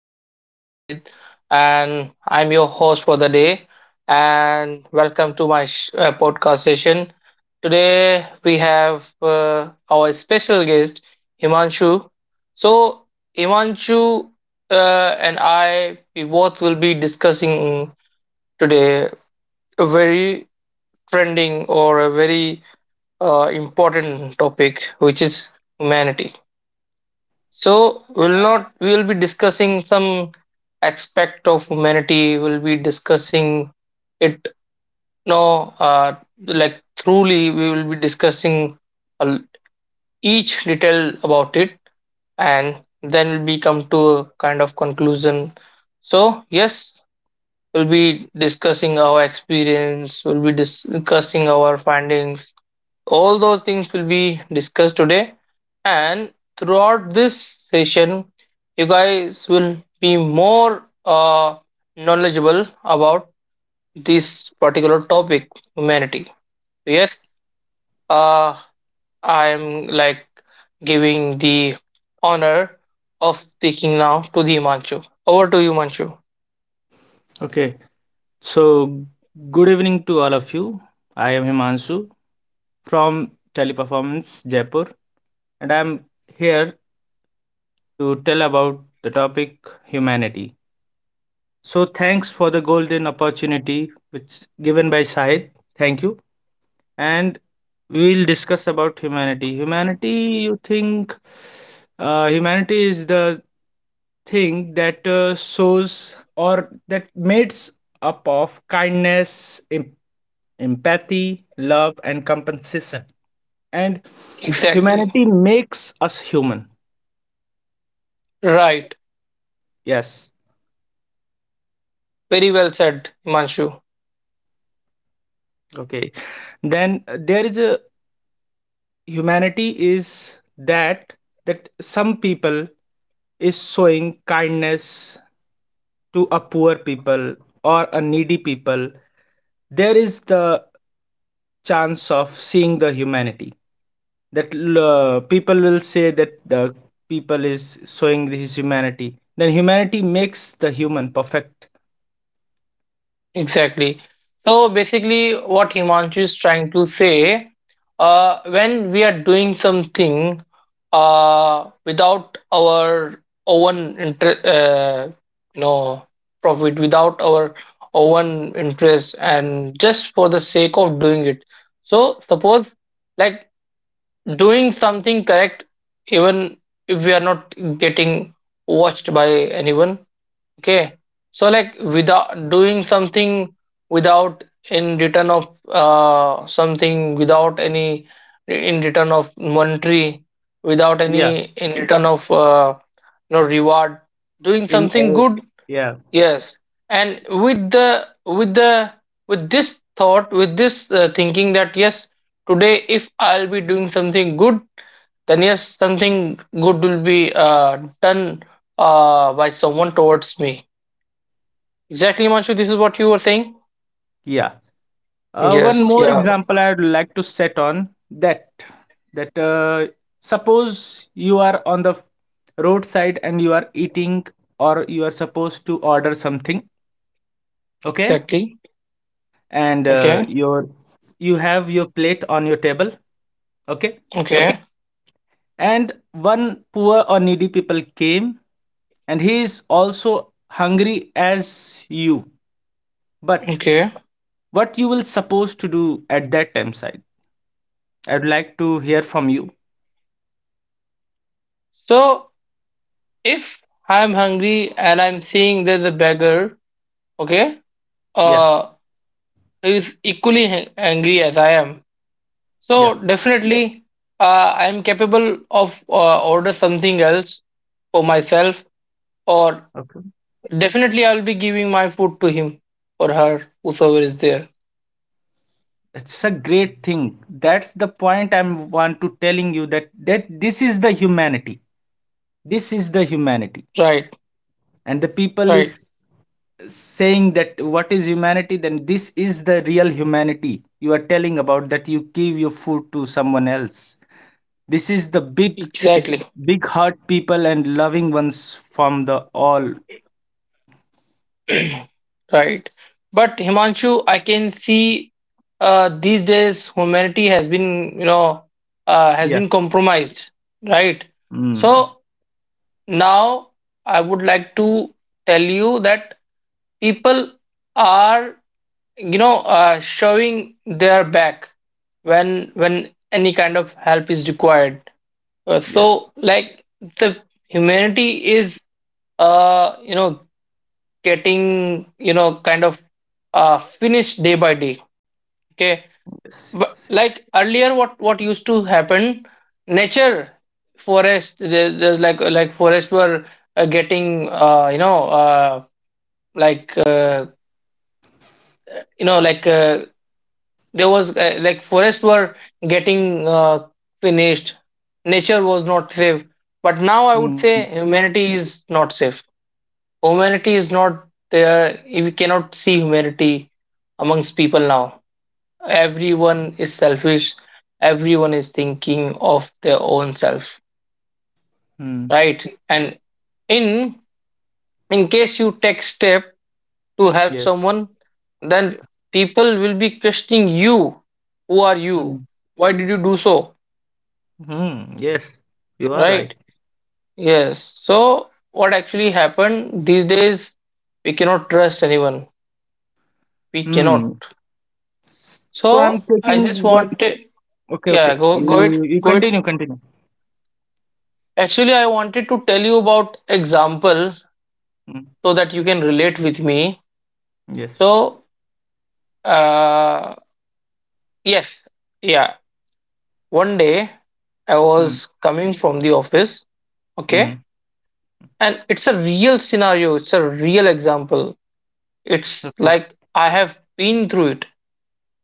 This is Shahid, and I'm your host for the day. And welcome to my podcast session. Today, we have our special guest, Himanshu. So, Himanshu and I, we both will be discussing today a very trending or a very important topic, which is humanity. So we'll not we'll be discussing some aspect of humanity. We'll be discussing it no like truly we will be discussing al- each detail about it, and then we'll be come to a kind of conclusion. So yes, we'll be discussing our experience, we'll be discussing our findings, all those things will be discussed today, and throughout this session, you guys will be more knowledgeable about this particular topic, humanity. So, yes, uh, I'm like giving the honor of speaking now to the Himanshu. Over to you, Himanshu. Okay, so good evening to all of you. I am Himanshu from Teleperformance Jaipur, and I'm here to tell about the topic humanity. So, thanks for the golden opportunity which given by Sahid. Thank you. And we'll discuss about humanity. Humanity, you think, humanity is the thing that shows or that mates up of kindness, empathy, love, and compensation. And Exactly. humanity makes us human. Right. Yes. Very well said, Himanshu. Okay. Then there is a humanity is that some people is showing kindness to a poor people or a needy people, there is the chance of seeing the humanity that people will say that the people is showing his humanity, then humanity makes the human perfect. Exactly. So basically, what Himanshu is trying to say, when we are doing something without our own you know, profit, without our own interest, and just for the sake of doing it. So suppose like doing something correct, even if we are not getting watched by anyone. Okay. So like without doing something, without in return of something, without any in return of monetary, without Yeah. any in return of you reward, doing in something a- good, yeah, yes, and with the with the with this thought, with this thinking that yes, today if I'll be doing something good, then yes, something good will be done by someone towards me. Exactly, Manshu. This is what you were saying. yeah. One Yes. more Yeah. Yeah. example I'd like to set on that, that suppose you are on the roadside and you are eating or you are supposed to order something, okay? Exactly. And Okay. You have your plate on your table, okay? Okay. And one poor or needy people came and he is also hungry as you. But Okay. what you will supposed to do at that time side? I'd like to hear from you. So if I'm hungry and I'm seeing there's a beggar, okay, Yeah, uh, who is equally hungry as I am, yeah. so definitely, I'm capable of order something else for myself, or Okay. definitely I'll be giving my food to him or her, whosoever is there. It's a great thing. That's the point I'm want to telling you, that this is the humanity. This is the humanity, Right. and the Right. people is saying that what is humanity. Then this is the real humanity you are telling about, that you give your food to someone else. This is the big Exactly. big heart people and loving ones from the all. Right. But Himanshu, I can see these days humanity has been, you know, has Yeah. been compromised, right? Mm. So now I would like to tell you that people are, you know, showing their back when any kind of help is required. Yes, So like the humanity is, you know, getting, you know, kind of finished day by day. Okay, yes, but yes. like earlier, what used to happen? Nature, forest. There, there's like Forests were getting you know like you know like there was like forests were getting finished. Nature was not safe, but now I would Mm. say humanity is not safe. Humanity is not there. We cannot see humanity amongst people now. Everyone is selfish, everyone is thinking of their own self, Mm. right? And in case you take step to help Yes. someone, then Yeah. people will be questioning you, who are you, Mm. why did you do so, Mm. Yes, you are right. right? Yes, so what actually happened these days, we cannot trust anyone, we cannot. Hmm. So So I'm I just taking one. wanted, Okay, okay. yeah, go You. go you it you go it continue, continue. Actually I wanted to tell you about example Mm. so that you can relate with me. Yes. So, uh, yes, yeah. One day I Mm. was coming from the office, okay, Mm. and it's a real scenario, it's a real example. It's Okay. like I have been through it,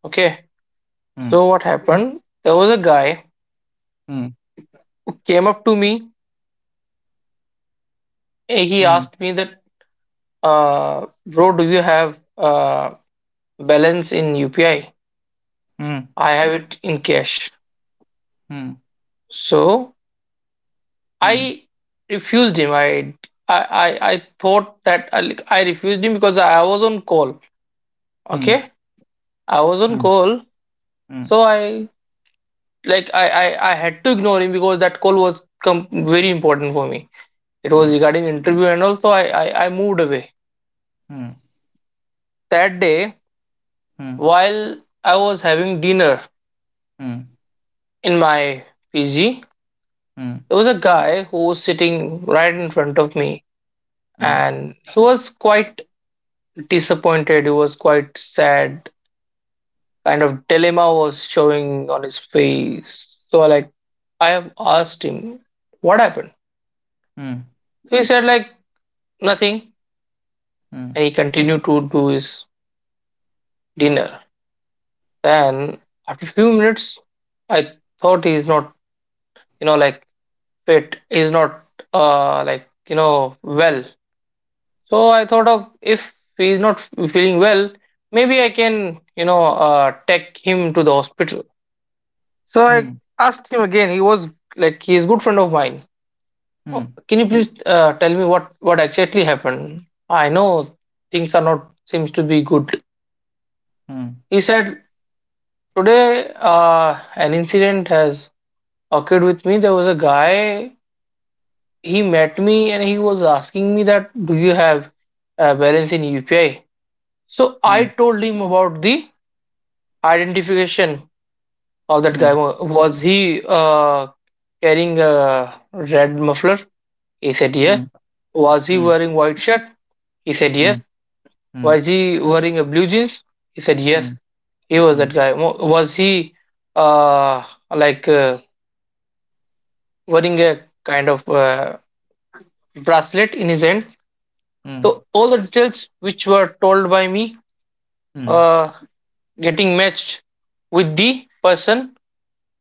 okay. Mm. So, what happened? There was a guy Mm. who came up to me, he Mm. asked me that, bro, do you have balance in UPI? Mm. I have it in cash. Mm. So, I refused him. I thought that I refused him because I was on call. Mm. Okay, I was on call, Mm. Mm. so I like I had to ignore him because that call was very important for me. It was regarding interview, and also I moved away that day Mm. Mm. while I was having dinner Mm. in my PG. There was a guy who was sitting right in front of me, and he was quite disappointed. He was quite sad, kind of dilemma was showing on his face. So I like I have asked him what happened. Mm. He said like nothing, and he continued to do his dinner. Then after a few minutes I thought he's not you know like fit, he's not like you know well. So I thought of, if he's not feeling well, maybe I can you know take him to the hospital. So I Mm. asked him again. He was like he is good friend of mine. Mm. Oh, Mm. can you please tell me what exactly happened? I know things are not seems to be good. He said, today an incident has occurred with me. There was a guy, he met me and he was asking me that do you have a balance in UPI? So I told him about the identification of that guy. Wa- was he carrying a red muffler? He said yes. Mm. Was he wearing white shirt? He said yes. Was he wearing a blue jeans? He said, yes, Mm. he was Mm. that Mm. guy. Wa- was he uh, like uh, wearing a kind of bracelet in his hand? So, all the details which were told by me uh, getting matched with the person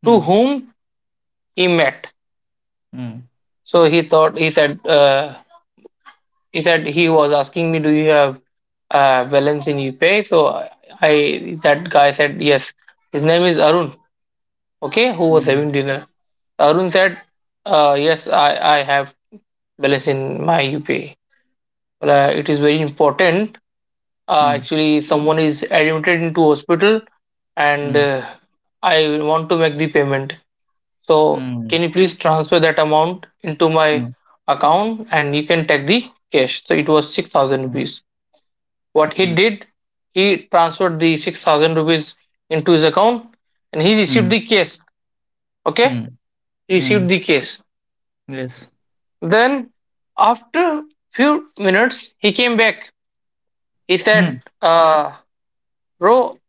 Mm. to Mm. whom he met. So, he thought, he said, he said he was asking me, do you have balance in UPI? So, I, that guy said, yes, his name is Arun, okay, who was having Mm. Mm. dinner. Arun said, yes, I have balance in my UPI. But, it is very important. Actually, someone is admitted into hospital Mm. Mm. and Mm. Mm. I want to make the payment. So, can you please transfer that amount into my account and you can take the cash? So, it was Mm. Mm. Mm. Mm. Mm. 6,000 Mm. Mm. Mm. Mm. rupees. What he Mm. did, he transferred the 6,000 rupees into his account and he Mm. received Mm. the cash. Okay, Mm. he received Mm. the cash. Yes. Then, after few minutes, he came back. He said, Mm, "Bro,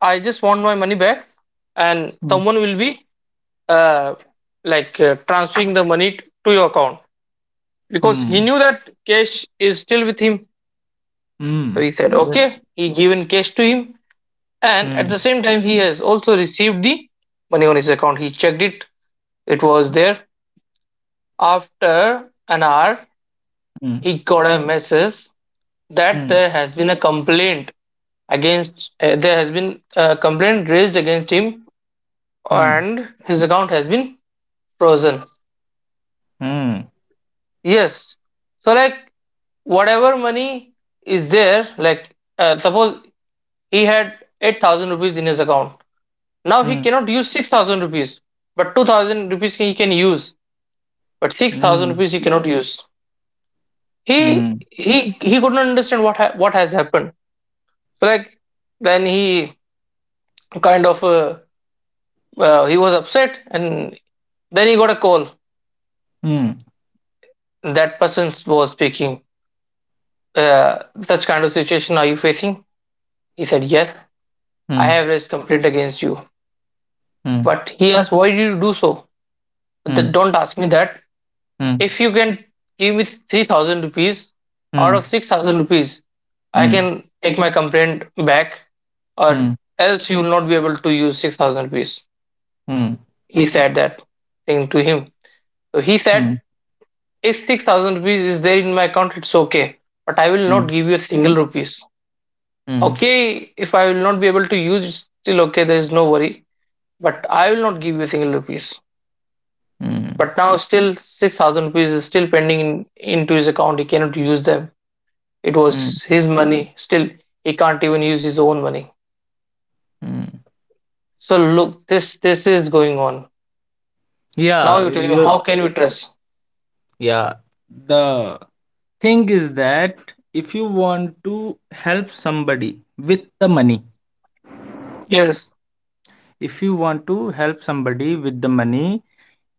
I just want my money back, and mm, someone will be uh, transferring the money to your account because he mm, knew that cash is still with him." So mm. he said, "Okay." Yes. He given cash to him, and at the Mm, same time, he has also received the money on his account. He checked it; it was there. After an hour, mm, he got a message that mm, there has been a complaint raised against him, mm, and his account has been frozen. mm, Yes, so like whatever money is there, like, suppose he had 8,000 rupees in his account, now he mm, cannot use 6,000 rupees, but 2,000 rupees he can use, but 6,000 mm, rupees he cannot use. he mm, he he couldn't understand what has happened. So like, then he kind of, he was upset, and then he got a call. mm, That person was speaking, such kind of situation are you facing? He said, yes, I mm, have raised complaint against you. But he asked, why did you do so? Mm, Don't ask me that. mm, If you can give me 3,000 rupees out of mm, 6,000 rupees, I mm, can take my complaint back, or mm, else you will not be able to use 6,000 rupees. mm, He said that thing to him. So he mm, said, mm, if 6,000 rupees is there in my account, it's okay, but I will not mm, give you a single rupees. mm, Okay, if I will not be able to use, it's still okay, there is no worry. But I will not give you a single rupees. mm, But now still 6,000 rupees is still pending in, into his account. He cannot use them. It mm, was his money. Still, he can't even use his own money. mm. So look, this is going on. Now Yeah, you tell me, you. how can we trust? Yeah. The thing is that if you want to help somebody with the money, Yes. if you want to help somebody with the money,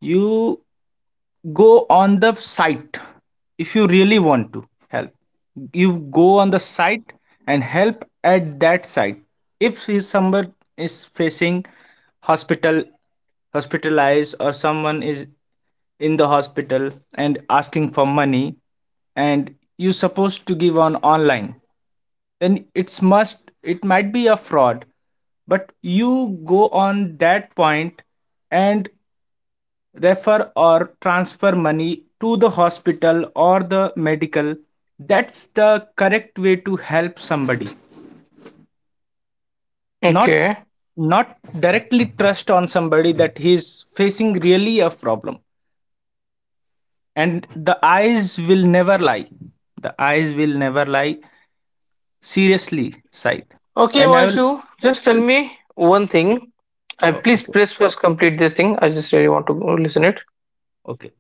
you go on the site. If you really want to help, you go on the site and help at that site. If somebody is facing hospital, hospitalized, or someone is in the hospital and asking for money and you supposed to give on online, then it might be a fraud. But you go on that point and refer or transfer money to the hospital or the medical. That's the correct way to help somebody. not Okay. not directly trust on somebody that he's facing really a problem, and the eyes will never lie. The eyes will never lie. Seriously, Saith. Okay, And I will. Manshu, just tell me one Yeah. thing. I, Oh, please okay, please first complete this thing. I just really want to listen it. okay.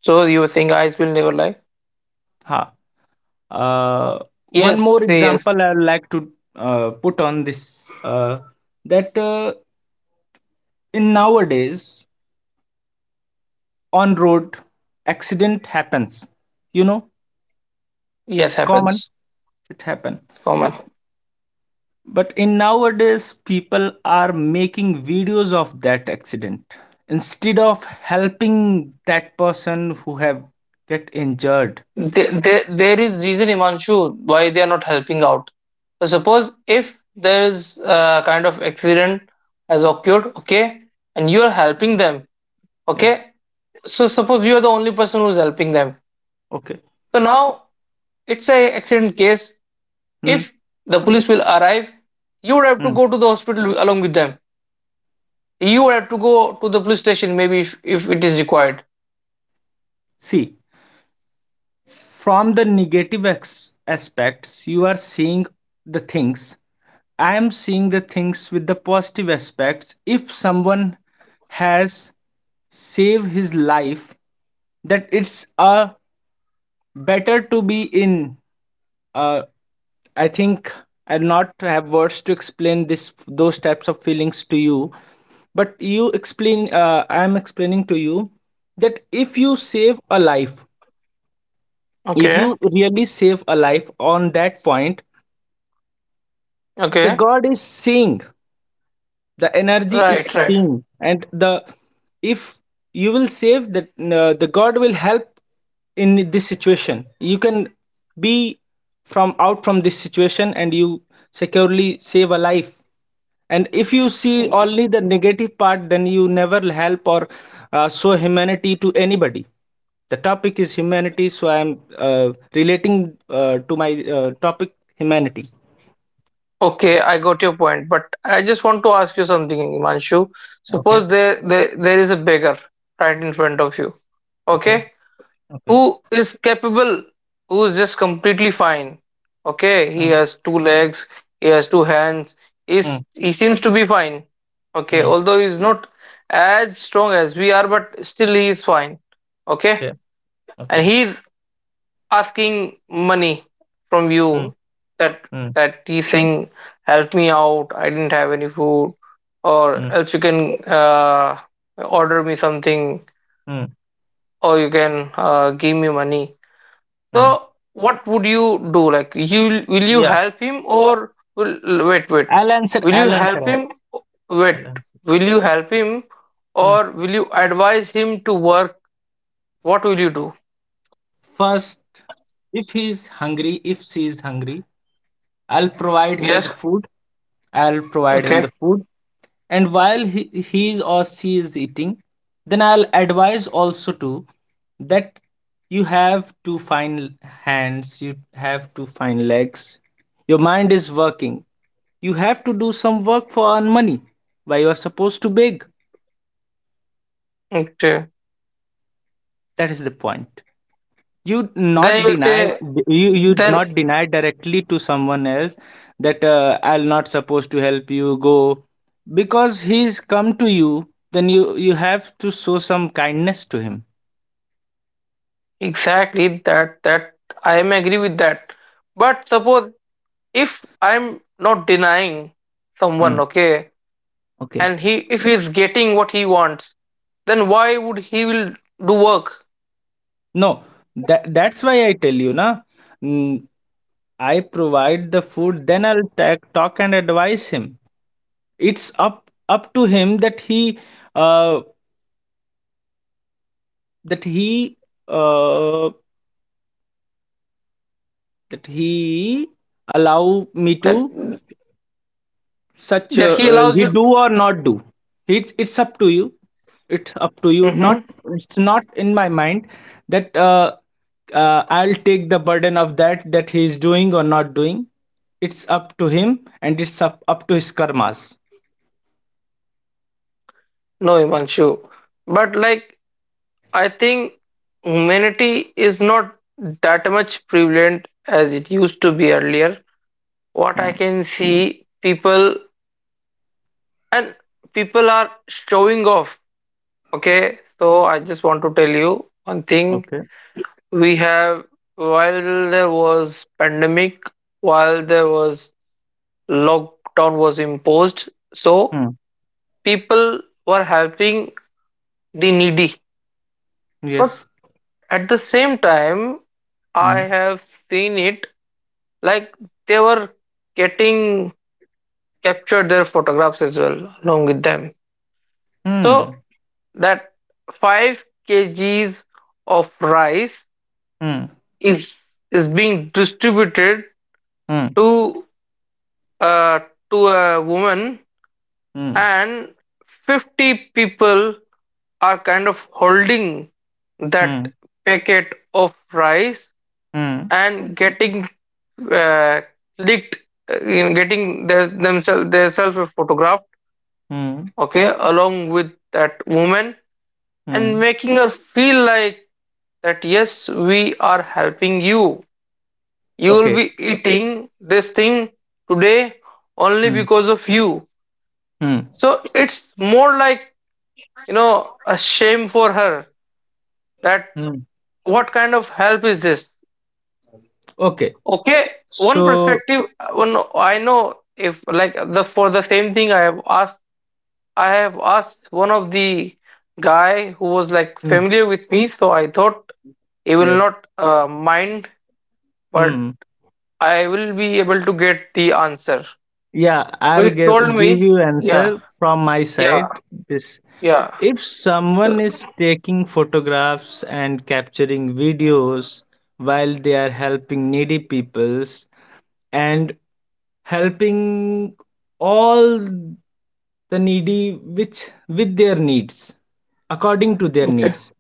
So you were saying eyes will never lie. Ha. Uh, one Yes, more say yes. example I would like to put on this, that in nowadays, on road, accident happens, you know Yes, it's common, happens. it happen. Common. But in nowadays people are making videos of that accident instead of helping that person who have get injured. There is reason, Imanshu, why they are not helping out. So suppose if there is a kind of accident has occurred, okay, and you are helping Yes. them, Yes. okay. So suppose you are the only person who is helping them. Okay. So now it's a accident case. Hmm, If the police will arrive, you would have to hmm. go to the hospital along with them. You would have to go to the police station maybe if it is required. See, from the negative aspects you are seeing the things. I am seeing the things with the positive aspects. If someone has saved his life, that it's a better to be in a, I think I'll not have words to explain this, those types of feelings to you. But you explain. I'm explaining to you that if you save a life, if Okay. you really save a life on that point, the Okay. God is seeing. The energy is Right. Right. seeing, and the, if you will save that, the God will help in this situation. You can be from out from this situation, and you securely save a life. And if you see only the negative part, then you never help or show humanity to anybody. The topic is humanity, so I am uh, relating to my topic humanity. Okay, I got your point, but I just want to ask you something, Himanshu. Okay, Suppose there is a beggar right in front of you, okay, okay? okay. Who is capable, who is just completely fine. Okay, he Mm, has two legs, he has two hands, mm, is he seems to be fine. Okay, mm, although he's not as strong as we are, but still he is fine. Okay, okay, and okay. he asking money from Mm, you that mm, that he's saying help me out, I didn't have any food, mm, or else you can uh, order me something, mm, or you can give me money. So mm. what would you do? Like, you will you Yeah, help him or will— wait, I'll answer, will you I'll answer, help I'll him? Wait, I'll answer. will you help him, Mm, or will you advise him to work? What will you do? first, if he is hungry, if she is hungry, I'll provide him the Yes. food. I'll provide him Okay, the food. And while he or she is eating, then I'll advise also too that you have to find hands, you have to find legs, your mind is working, you have to do some work for earn money, why you are supposed to beg. okay. That is the point. You Then not you will deny. say, You then— not deny directly to someone else that I'll not supposed to help you, go, because he's come to you, then you have to show some kindness to him. Exactly, that I am agree with that. But suppose if I'm not denying Hmm. someone, okay, Okay. and he, if he's getting what he wants, then why would he will do work? No, that's why I tell you na. mm, I provide the food, then I'll talk and advise him. It's up to him that he uh that he uh that he allow me That, to, such that he allows he you? do or not do. It's up to you, it's up to you, not. Mhm. It's not in my mind that I'll take the burden of that he is doing or not doing. It's up to him, and it's up to his karmas. No, Imanshu. But like, I think humanity is not that much prevalent as it used to be earlier. What I can see, people, and people are showing off. Okay, so I just want to tell you one thing. Okay. We have— while there was pandemic, while there was lockdown was imposed, so Hmm. people were helping the needy. But Yes. at the same time, I Hmm. have seen it like they were getting captured their photographs as well along with them. So Hmm. that 5 kg kgs of rice Hmm. is— is being distributed Hmm. to uh, to a woman, Hmm. and 50 people are kind of holding that Hmm. packet of rice Hmm. and getting uh, licked, in getting their themselves photographed, Hmm. okay, along with that woman Hmm. and making her feel like that yes, we are helping you. You'll Okay. be eating this thing today only Hmm. because of you. Hmm. So it's more like, you know, a shame for her that Hmm. what kind of help is this? Okay. Okay, one So. perspective. One— I know, if like, the— for the same thing I have asked one of the guy who was like Hmm. familiar with me, so I thought he will Yes. not mind, but Hmm. I will be able to get the answer. Yeah, So I'll he told give me, you yeah, answer from my yeah. side. This Yeah. If So someone is taking photographs and capturing videos while they are helping needy peoples, and helping all the needy which with their needs, according to their okay, needs.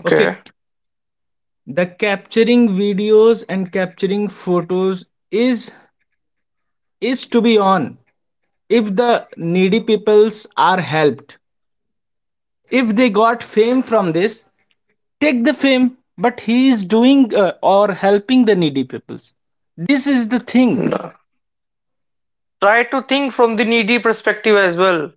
okay. Okay. The capturing videos and capturing photos, is to be on. If the needy peoples are helped, if they got fame from this, take the fame, but he is doing or helping the needy peoples. This is the thing. No. Try to think from the needy perspective as well.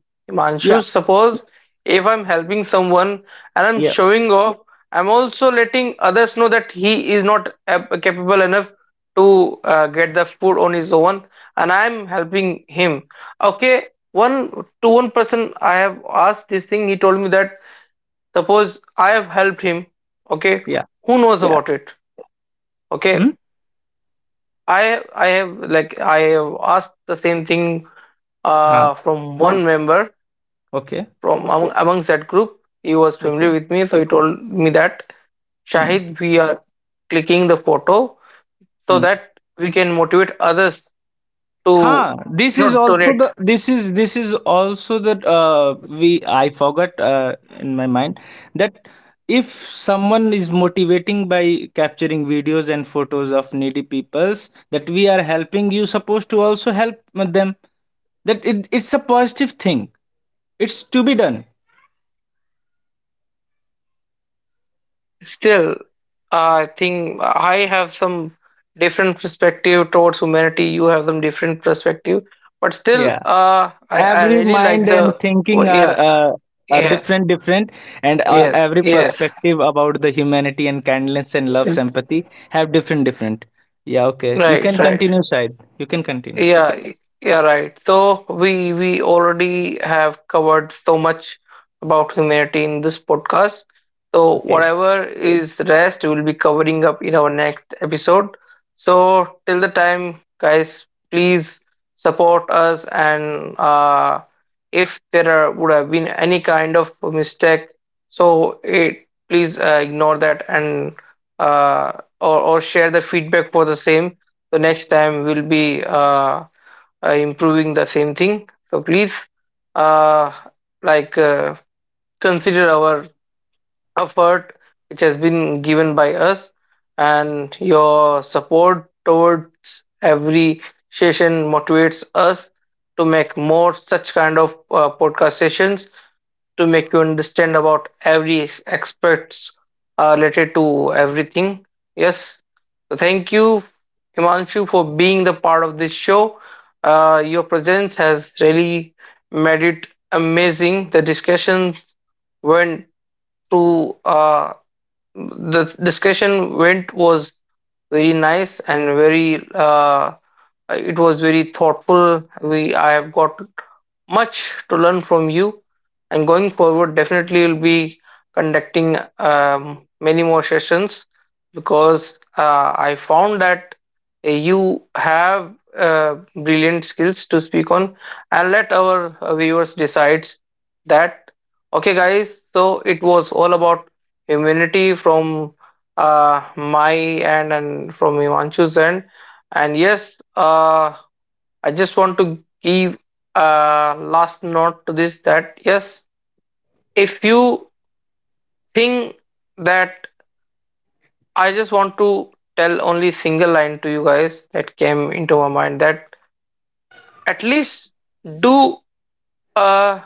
Yeah, Himanshu, suppose if I'm helping someone and I'm yeah, showing off, I'm also letting others know that he is not ab- capable enough to get the food on his own, and I'm helping him. Okay, one— to one person I have asked this thing. He told me that suppose I have helped him. Okay, yeah, who knows— yeah— yeah. about it? Hmm? Okay, I have like— I have asked the same thing Ah, from one member okay, from among, amongst that group. He was familiar okay. with me, so he told me that Hmm, Shahid, we are clicking the photo so hmm. that we can motivate others to, Huh, you this is know, also donate. the this is also the we I forgot in my mind, that if someone is motivating by capturing videos and photos of needy peoples, that we are helping, you supposed to also help them. That it's a positive thing, it's to be done. Still, I think I have some different perspective towards humanity. You have some different perspective, but still, Yeah. I Every really like mind and the— oh, thinking are yeah, yes, different different, and every yes, perspective about the humanity and kindness and love yes. sympathy have different different. Yeah, okay, you Right. can So, right. continue side, you can continue. Yeah, yeah, right. So we already have covered so much about humanity in this podcast. So Okay, whatever is rest, we'll be covering up in our next episode. So till the time, guys, please support us. And if there are, would have been any kind of mistake, so it, please ignore that, and uh, or share the feedback for the same. The next time we'll be improving the same thing, so please, uh, like, consider our effort which has been given by us, and your support towards every session motivates us to make more such kind of podcast sessions to make you understand about every aspects related to everything. Yes. So thank you, Himanshu, for being the part of this show. Your presence has really made it amazing. The discussions went to the discussion went was very nice and very it was very thoughtful. We— I have got much to learn from you, and going forward, definitely will be conducting many more sessions because I found that you have brilliant skills to speak on, and let our viewers decides that. Okay, guys. So it was all about humanity from my end and from Himanshu's end. And yes, I just want to give a last note to this that yes, if you think that— I just want to tell only single line to you guys that came into my mind, that at least do a—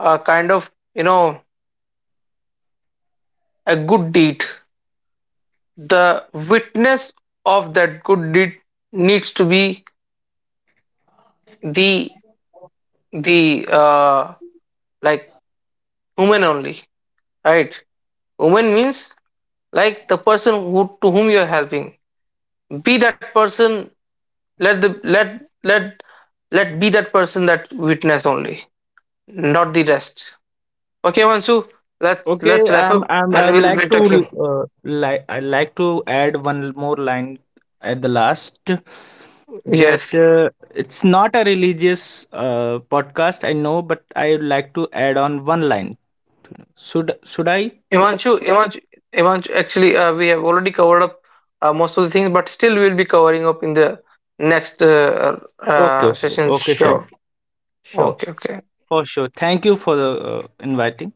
a kind of, you know, a good deed. The witness of that good deed needs to be the— the uh, like, woman only, right? Woman means like the person who— to whom you're helping, be that person. Let the— let let be that person that witness only, not the rest. Okay, Imanshu, let's okay. let's wrap up I and would we'll like be to talking. Like I like to add one more line at the last, that Yes, it's not a religious podcast, I know, but I would like to add on one line. Should I? Imanshu, Imanshu, actually, we have already covered up most of the things, but still we'll be covering up in the next Okay, okay, session. okay, Shai. Sure, Sure. okay, okay. For sure. Thank you for inviting.